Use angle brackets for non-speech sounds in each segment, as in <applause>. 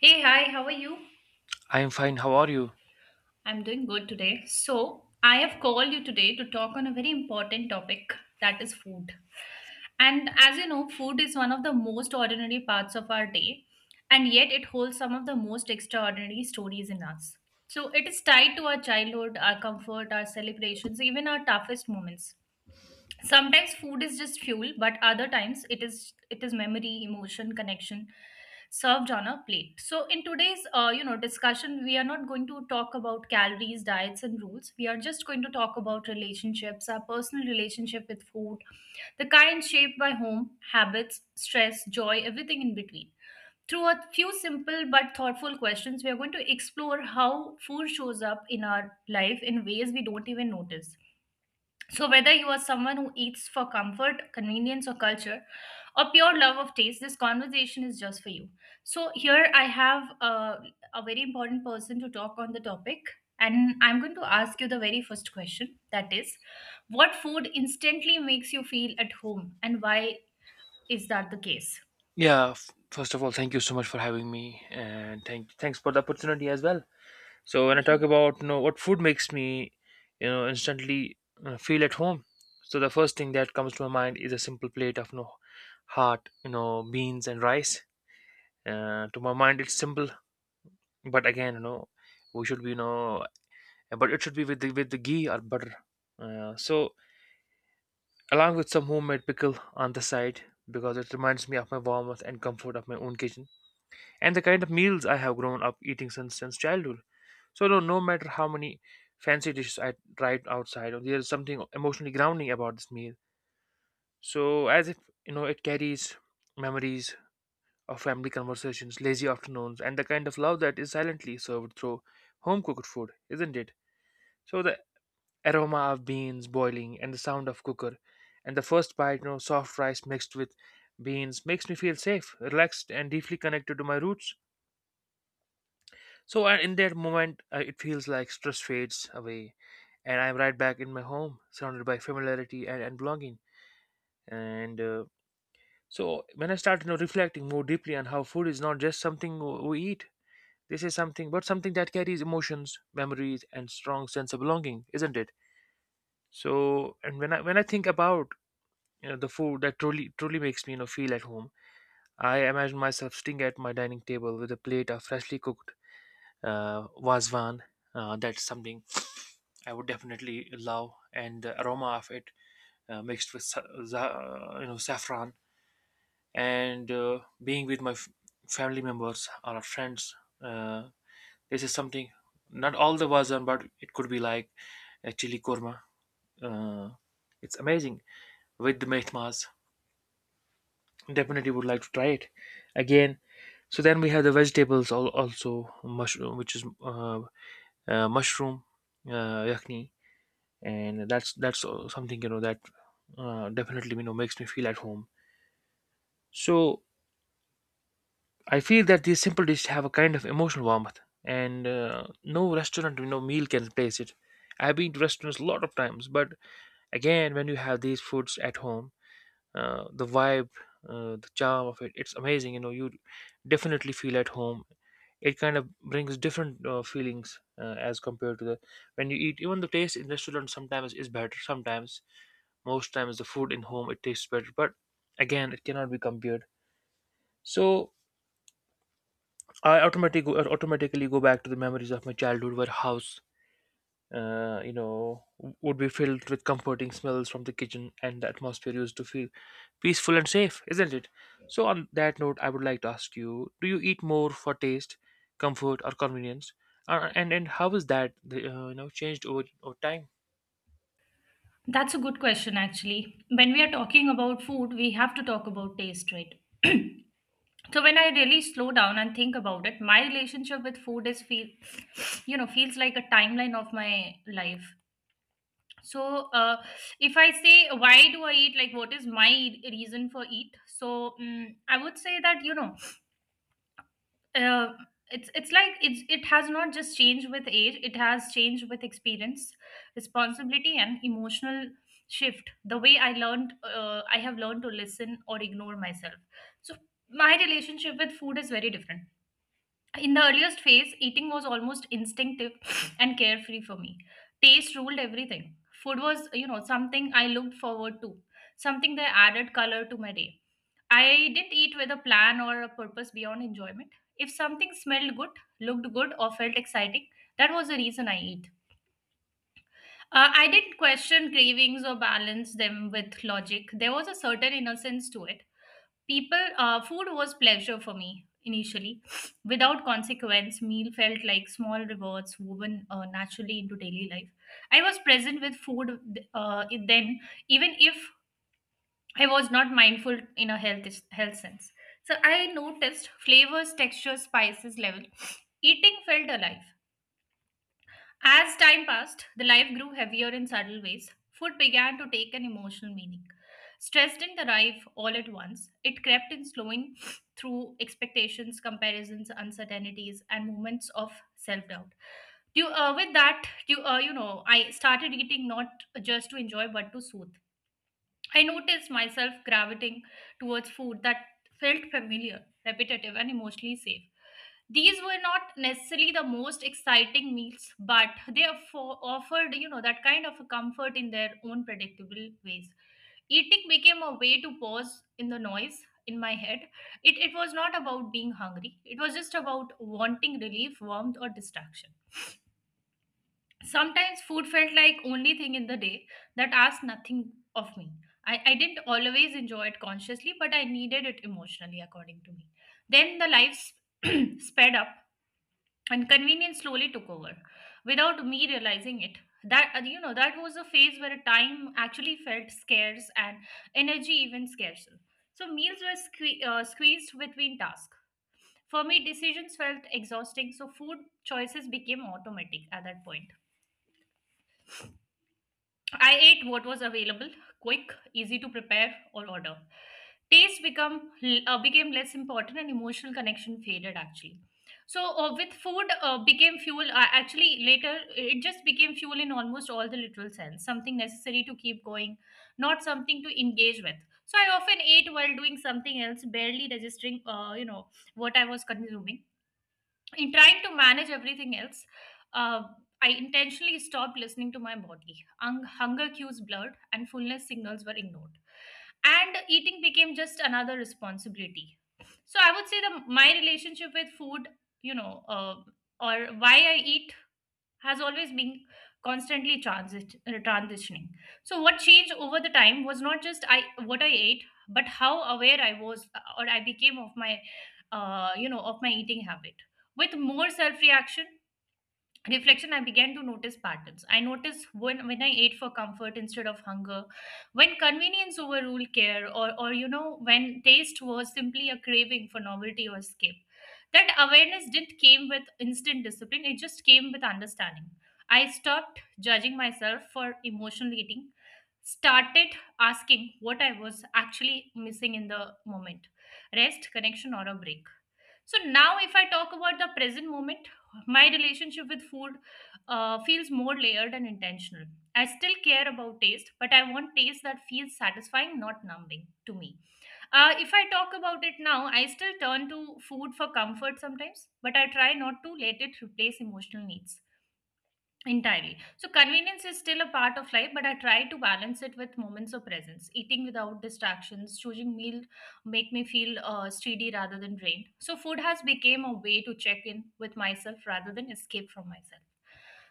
Hey, hi, how are you? I am fine. How are you? I'm doing good today. So, I have called you today to talk on a very important topic that is food. And as you know, food is one of the most ordinary parts of our day, and yet it holds some of the most extraordinary stories in us. So, it is tied to our childhood, our comfort, our celebrations, even our toughest moments. Sometimes food is just fuel, but other times it is memory, emotion, connection served on a plate. So in today's discussion, we are not going to talk about calories, diets and rules. We are just going to talk about relationships, our personal relationship with food, the kind shaped by home, habits, stress, joy, everything in between. Through a few simple but thoughtful questions, we are going to explore how food shows up in our life in ways we don't even notice. So, whether you are someone who eats for comfort, convenience, or culture, or pure love of taste, this conversation is just for you. So, here I have a very important person to talk on the topic, and I'm going to ask you the very first question, that is, what food instantly makes you feel at home, and why is that the case? Yeah. First of all, thank you so much for having me, and thanks for the opportunity as well. So when I Thank you. talk about what food makes me, instantly feel at home. So the first thing that comes to my mind is a simple plate of heart, beans and rice. To my mind, it's simple, but again, we should be but it should be with the ghee or butter. So along with some homemade pickle on the side because it reminds me of my warmth and comfort of my own kitchen, and the kind of meals I have grown up eating since childhood. So no matter how many fancy dishes I tried outside, there is something emotionally grounding about this meal. So as if it carries memories of family conversations, lazy afternoons, and the kind of love that is silently served through home cooked food, isn't it? So the aroma of beans boiling and the sound of cooker, and the first bite, soft rice mixed with beans makes me feel safe, relaxed, and deeply connected to my roots. So in that moment, it feels like stress fades away, and I'm right back in my home, surrounded by familiarity and belonging. And so when I started reflecting more deeply on how food is not just something we eat, this is something, but something that carries emotions, memories, and strong sense of belonging, isn't it? So and when I think about the food that truly makes me feel at home, I imagine myself sitting at my dining table with a plate of freshly cooked wazwan. That's something I would definitely love, and the aroma of it mixed with saffron, and being with my family members or friends. Uh, this is something not all the version, but it could be like a chili korma. Uh, it's amazing with the mehmas. Definitely would like to try it again. So then we have the vegetables also mushroom, which is mushroom yakni, and that's something that definitely makes me feel at home. So I feel that these simple dishes have a kind of emotional warmth, and no restaurant meal can replace it. I've been to restaurants a lot of times, but again, when you have these foods at home, the vibe, the charm of it, it's amazing. You know, you definitely feel at home. It kind of brings different feelings as compared to the when you eat. Even the taste in restaurant sometimes is better, sometimes most times the food in home it tastes better, but again it cannot be compared. So I automatically go back to the memories of my childhood, where house uh, you know, would be filled with comforting smells from the kitchen, and the atmosphere used to feel peaceful and safe, isn't it? So, on that note, I would like to ask you: Do you eat more for taste, comfort, or convenience? And how is that changed over time? That's a good question, actually. When we are talking about food, we have to talk about taste, right? So when I really slow down and think about it, my relationship with food is feel, <sniffs> feels like a timeline of my life. So uh, if I say, why do I eat? Like, what is my reason for eat? So I would say that, uh, it's like it has not just changed with age, it has changed with experience, responsibility and emotional shift, the way I have learned to listen or ignore myself. So my relationship with food is very different. In the earliest phase, eating was almost instinctive <laughs> <sniffs> and carefree for me. Taste ruled everything. Food was, you know, something I looked forward to, something that added color to my day. I didn't eat with a plan or a purpose beyond enjoyment. If something smelled good, looked good, or felt exciting, that was the reason I eat. I didn't question cravings or balance them with logic. There was a certain innocence to it. People Food was pleasure for me initially, <sniffs> without consequence. Meal felt like small rewards woven naturally into daily life. I was present with food, then, even if I was not mindful in a health sense. So I noticed flavors, textures, spices level. <sniffs> Eating felt alive. As time passed, the life grew heavier in subtle ways. Food began to take an emotional meaning. Stress didn't arrive all at once, it crept in slowing through expectations, comparisons, uncertainties, and moments of self doubt. You, with that, you, you know, I started eating not just to enjoy but to soothe. I noticed myself gravitating towards food that felt familiar, repetitive, and emotionally safe. These were not necessarily the most exciting meals, but they offered, you know, that kind of a comfort in their own predictable ways. Eating became a way to pause in the noise in my head. It was not about being hungry, it was just about wanting relief, warmth, or distraction. Sometimes food felt like only thing in the day that asked nothing of me. I didn't always enjoy it consciously, but I needed it emotionally, according to me. Then the lives <clears throat> sped up and convenience slowly took over without me realizing it. That, that was a phase where time actually felt scarce and energy even scarcer. So meals were squeezed between tasks. For me, decisions felt exhausting, so food choices became automatic at that point. I ate what was available, quick, easy to prepare or order. Taste become became less important, and emotional connection faded actually. So with food became fuel. Actually, later it just became fuel in almost all the literal sense. Something necessary to keep going, not something to engage with. So I often ate while doing something else, barely registering, what I was consuming. In trying to manage everything else, uh, I intentionally stopped listening to my body. Hunger cues blurred and fullness signals were ignored. And eating became just another responsibility. So I would say that my relationship with food, you know, uh, or why I eat, has always been constantly transitioning. So what changed over the time was not just I what I ate, but how aware I was, or I became of my, of my eating habit. With more reflection, I began to notice patterns. I noticed when I ate for comfort instead of hunger, when convenience overruled care, or when taste was simply a craving for novelty or escape. That awareness didn't came with instant discipline, it just came with understanding. I stopped judging myself for emotional eating, started asking what I was actually missing in the moment, rest, connection or a break. So now if I talk about the present moment, my relationship with food feels more layered and intentional. I still care about taste, but I want taste that feels satisfying, not numbing to me. If I talk about it now, I still turn to food for comfort sometimes, but I try not to let it replace emotional needs entirely. So, convenience is still a part of life, but I try to balance it with moments of presence. Eating without distractions, choosing meal make me feel steady rather than drained. So, food has become a way to check in with myself rather than escape from myself.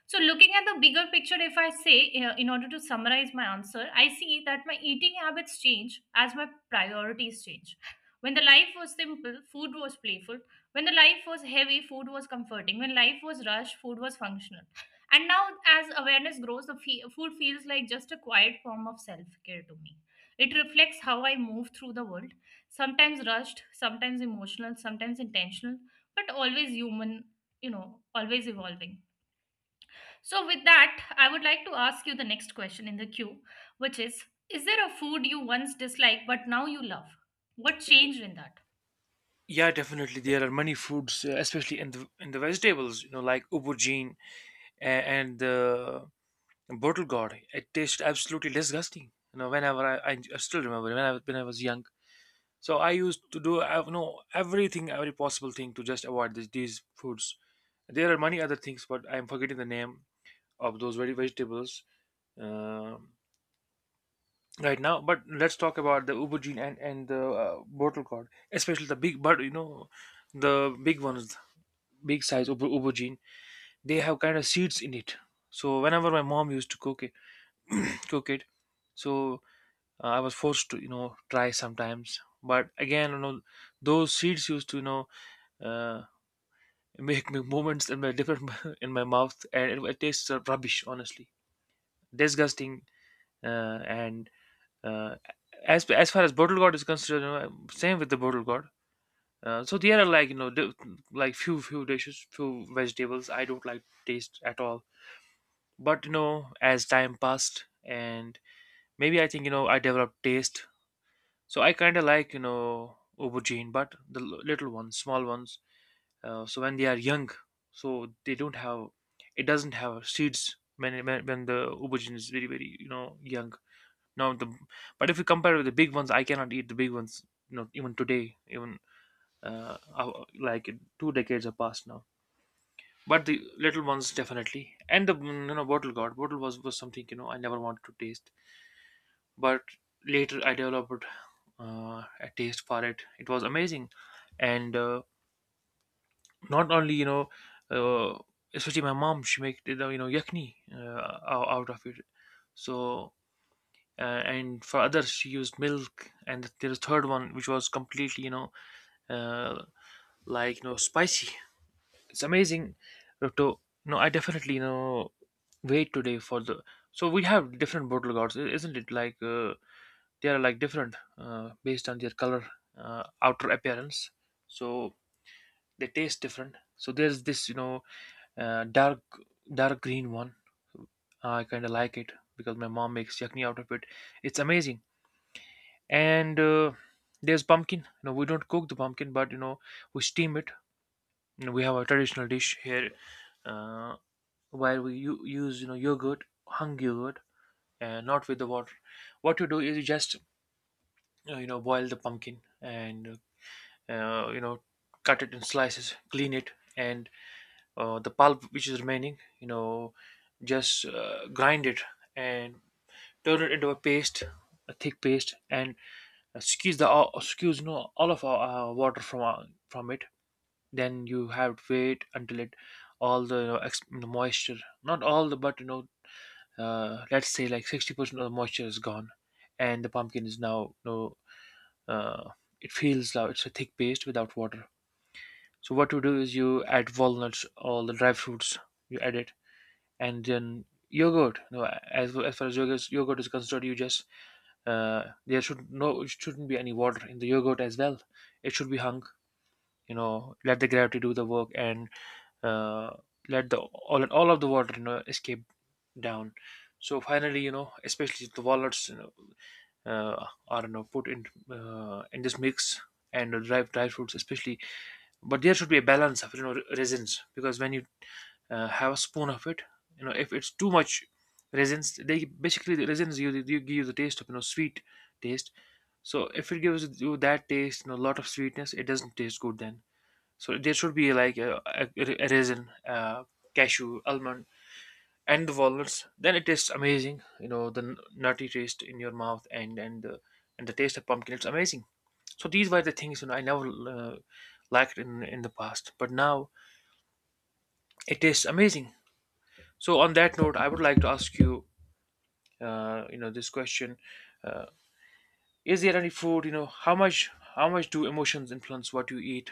So, looking at the bigger picture, if I say, in order to summarize my answer, I see that my eating habits change as my priorities change. When the life was simple, food was playful. When the life was heavy, food was comforting. When life was rushed, food was functional. And now, as awareness grows, the food feels like just a quiet form of self care to me. It reflects how I move through the world, sometimes rushed, sometimes emotional, sometimes intentional, but always human, you know, always evolving. So, with that, I would like to ask you the next question in the queue, which is there a food you once disliked but now you love? What changed in that? Yeah, definitely. There are many foods, especially in the vegetables, you know, like aubergine and the bottle gourd. It tasted absolutely disgusting. You know, whenever I still remember when I was young, so I used to do I know everything, every possible thing to just avoid these foods. There are many other things, but I'm forgetting the name of those very vegetables um right now. But let's talk about the aubergine and the bottle gourd, especially the big, but you know, the big ones, big size aubergine. They have kind of seeds in it. So whenever my mom used to cook it, <clears throat> cook it, so I was forced to try sometimes. But again, you know, those seeds used to uh, make me movements in my different <laughs> in my mouth, and it tastes rubbish. Honestly, disgusting. And uh, as far as bottle gourd is concerned, you know, same with the bottle gourd. So there are like like few dishes, few vegetables I don't like taste at all. But you know, as time passed, and maybe I think I developed taste. So I kind of like aubergine, but the little ones, small ones, so when they are young so they don't have, it doesn't have seeds when when the aubergine is very young. Now the, but if you compare with the big ones, I cannot eat the big ones, you know, even today. Even uh, uh, like two decades have passed now, but the little ones definitely. And the you know, bottle god, bottle was something, you know, I never wanted to taste, but later I developed uh, a taste for it. It was amazing. And not only uh, especially my mom, she make yakni out of it. So uh, and for others she used milk, and there's a third one which was completely uh, like spicy. It's amazing. To, no, I definitely wait today for the. So we have different bottle gourds, isn't it? Like they are like different based on their color, outer appearance, so they taste different. So there's this, you know, uh, dark dark green one. I kind of like it because my mom makes yakni out of it. It's amazing. And there's pumpkin. You know, we don't cook the pumpkin, but you know, we steam it. You know, we have a traditional dish here, uh, where we use yogurt, hung yogurt, and not with the water. What you do is you just boil the pumpkin and uh, you know cut it in slices, clean it, and the pulp which is remaining, you know, just grind it and turn it into a paste, a thick paste, and squeeze, you know, all of our water from it. Then you have to wait until it, all the you know, the moisture, not all the but you know, let's say like 60% of the moisture is gone, and the pumpkin is now, you know, uh, it feels now it's a thick paste without water. So what you do is you add walnuts, all the dry fruits, you add it, and then yogurt. No, as far as yogurt is concerned, you just there should no it shouldn't be any water in the yogurt as well. It should be hung. You know, let the gravity do the work, and uh, let the all of the water, you know, escape down. So finally, you know, especially the walnuts, you know, are, you know, put in this mix, and the dried fruits, especially, but there should be a balance of, you know, resins, because when you have a spoon of it, you know, if it's too much resins, they basically the resins you, you give you the taste of, you know, sweet taste. So if it gives you that taste, you know, a lot of sweetness, it doesn't taste good then. So there should be like a resin, cashew, almond, and the walnuts. Then it tastes amazing. You know, the nutty taste in your mouth and and the taste of pumpkin, it's amazing. So these were the things, you know, I never liked in the past, but now it tastes amazing. So on that note, I would like to ask you you know this question: uh, is there any food, you know, how much do emotions influence what you eat?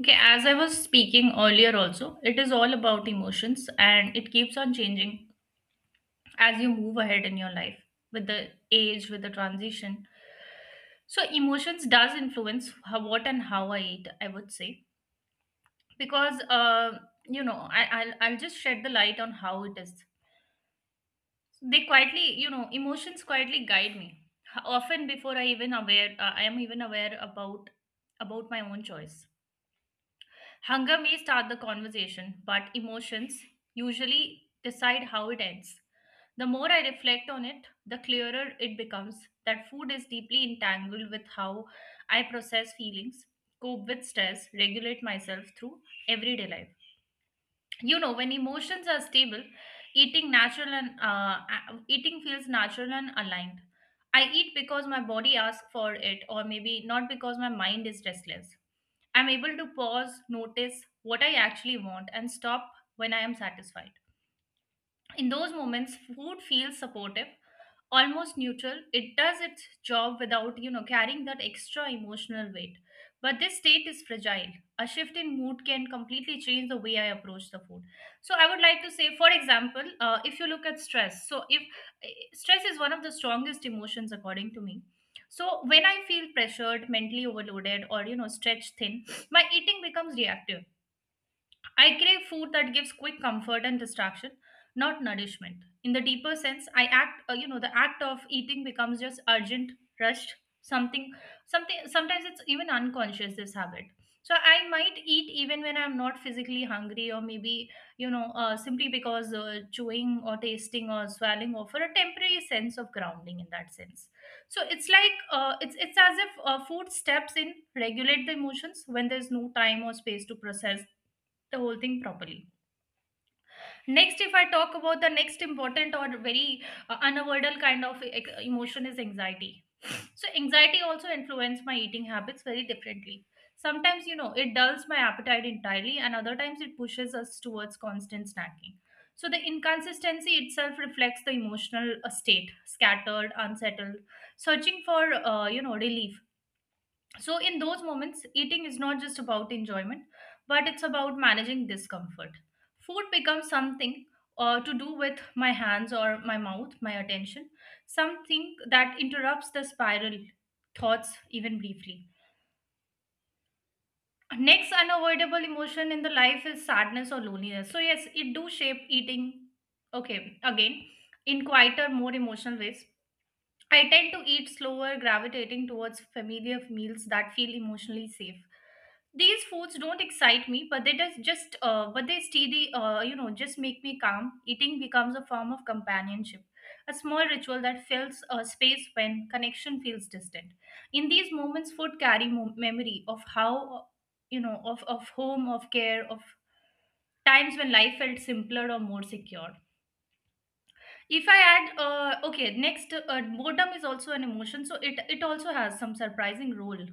Okay, as I was speaking earlier, also, it is all about emotions and it keeps on changing as you move ahead in your life, with the age, with the transition. So emotions does influence how, what and how I eat, I would say. Because I'll just shed the light on how it is. They quietly, emotions quietly guide me, often before I am even aware about my own choice. Hunger may start the conversation, but emotions usually decide how it ends. The more I reflect on it, the clearer it becomes that food is deeply entangled with how I process feelings, cope with stress, regulate myself through everyday life. You know, when emotions are stable, eating feels natural and aligned. I eat because my body asks for it, or maybe not because my mind is restless. I'm able to pause, notice what I actually want, and stop when I am satisfied. In those moments, food feels supportive, almost neutral. It does its job without, you know, carrying that extra emotional weight. But this state is fragile. A shift in mood can completely change the way I approach the food. So I would like to say, for example, if you look at stress, so if stress is one of the strongest emotions according to me. So when I feel pressured, mentally overloaded, or you know, stretched thin, my eating becomes reactive. I crave food that gives quick comfort and distraction, not nourishment. In the deeper sense, I act, you know, the act of eating becomes just urgent, rushed, something, something, sometimes it's even unconscious, this habit. So I might eat even when I'm not physically hungry, or maybe, simply because chewing or tasting or swallowing offer a temporary sense of grounding in that sense. So it's like, it's as if food steps in, regulate the emotions when there's no time or space to process the whole thing properly. Next, if I talk about the next important or very unavoidable kind of emotion is anxiety. So, anxiety also influences my eating habits very differently. Sometimes, you know, it dulls my appetite entirely, and other times it pushes us towards constant snacking. So, the inconsistency itself reflects the emotional state: scattered, unsettled, searching for relief. So, in those moments, eating is not just about enjoyment, but it's about managing discomfort. Food becomes something to do with my hands or my mouth, my attention, something that interrupts the spiral thoughts even briefly. Next unavoidable emotion in the life is sadness or loneliness. So, yes, it do shape eating, okay, again, in quieter, more emotional ways. I tend to eat slower, gravitating towards familiar meals that feel emotionally safe. These foods don't excite me, but they does just but they steady, just make me calm. Eating becomes a form of companionship, a small ritual that fills a space when connection feels distant. In these moments, food carry memory of how, you know, of home, of care, of times when life felt simpler or more secure. If I add, next, boredom is also an emotion, so it also has some surprising role.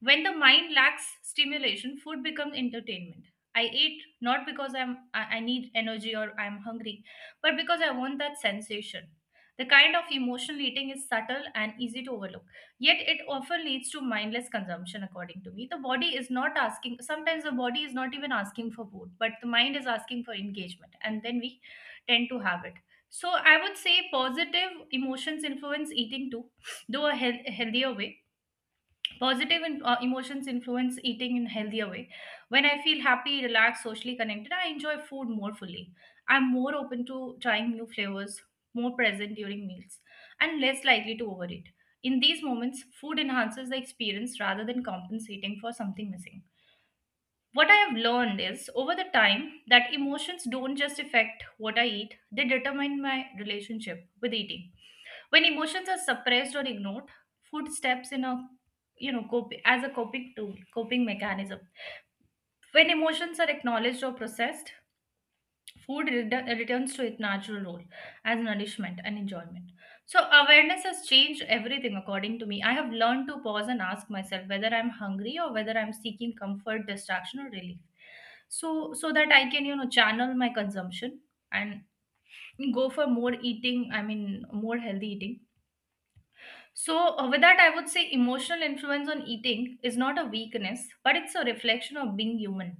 When the mind lacks stimulation, food becomes entertainment. I eat not because I need energy or I'm hungry, but because I want that sensation. The kind of emotional eating is subtle and easy to overlook. Yet it often leads to mindless consumption, according to me. The body is not asking, sometimes the body is not even asking for food, but the mind is asking for engagement, and then we tend to have it. So I would say positive emotions influence eating too, though a healthier way. Positive emotions influence eating in healthier way. When I feel happy, relaxed, socially connected, I enjoy food more fully. I'm more open to trying new flavors, more present during meals, and less likely to overeat. In these moments, food enhances the experience rather than compensating for something missing. What I have learned is over the time that emotions don't just affect what I eat, they determine my relationship with eating. When emotions are suppressed or ignored, food steps in a you know cope as a coping tool, coping mechanism. When emotions are acknowledged or processed, food returns to its natural role as nourishment and enjoyment. So awareness has changed everything. According to me, I have learned to pause and ask myself whether I'm hungry or whether I'm seeking comfort, distraction or relief. So that I can, you know, channel my consumption and go for more eating, I mean more healthy eating. So, with that, I would say emotional influence on eating is not a weakness, but it's a reflection of being human.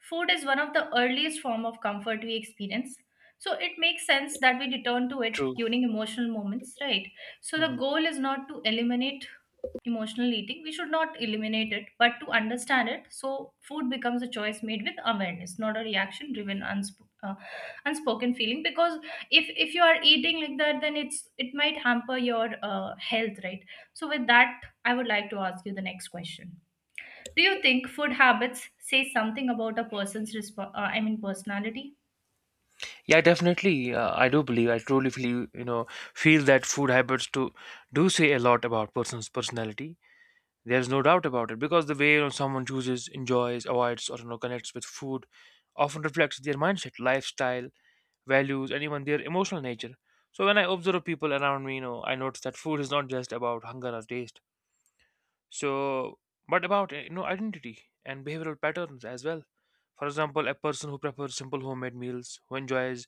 Food is one of the earliest form of comfort we experience. So, it makes sense that we return to it True. during emotional moments, right? So, the Mhm. goal is not to eliminate emotional eating. We should not eliminate it, but to understand it. So, food becomes a choice made with awareness, not a reaction driven unspoken feeling, because if you are eating like that, then it's, it might hamper your health, right? So with that, I would like to ask you the next question. Do you think food habits say something about a person's personality? Yeah, definitely. I do believe. I truly feel that food habits to do say a lot about person's personality. There's no doubt about it, because the way, you know, someone chooses, enjoys, avoids, or, you know, connects with food often reflects their mindset, lifestyle, values, and even their emotional nature. So when I observe people around me, you know, I notice that food is not just about hunger or taste. So, but about identity and behavioral patterns as well. For example, a person who prefers simple homemade meals, who enjoys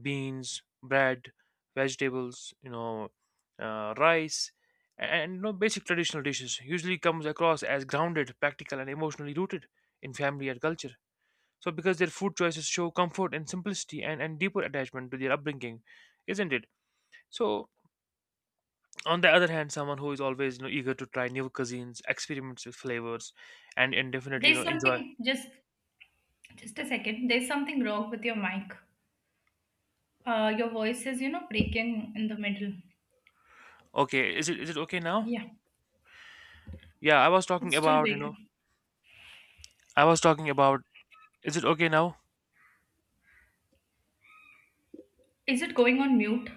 beans, bread, vegetables, you know, rice, and you know, basic traditional dishes, usually comes across as grounded, practical, and emotionally rooted in family and culture. So, because their food choices show comfort and simplicity and deeper attachment to their upbringing, isn't it? So, on the other hand, someone who is always, you know, eager to try new cuisines, experiments with flavors, and definitely, you There's know, enjoy. something, just a second, there's something wrong with your mic. Your voice is, you know, breaking in the middle. Okay, is it okay now? Yeah, Yeah, I was talking it's still about you know breaking. I was talking about. Is it okay now? Is it going on mute?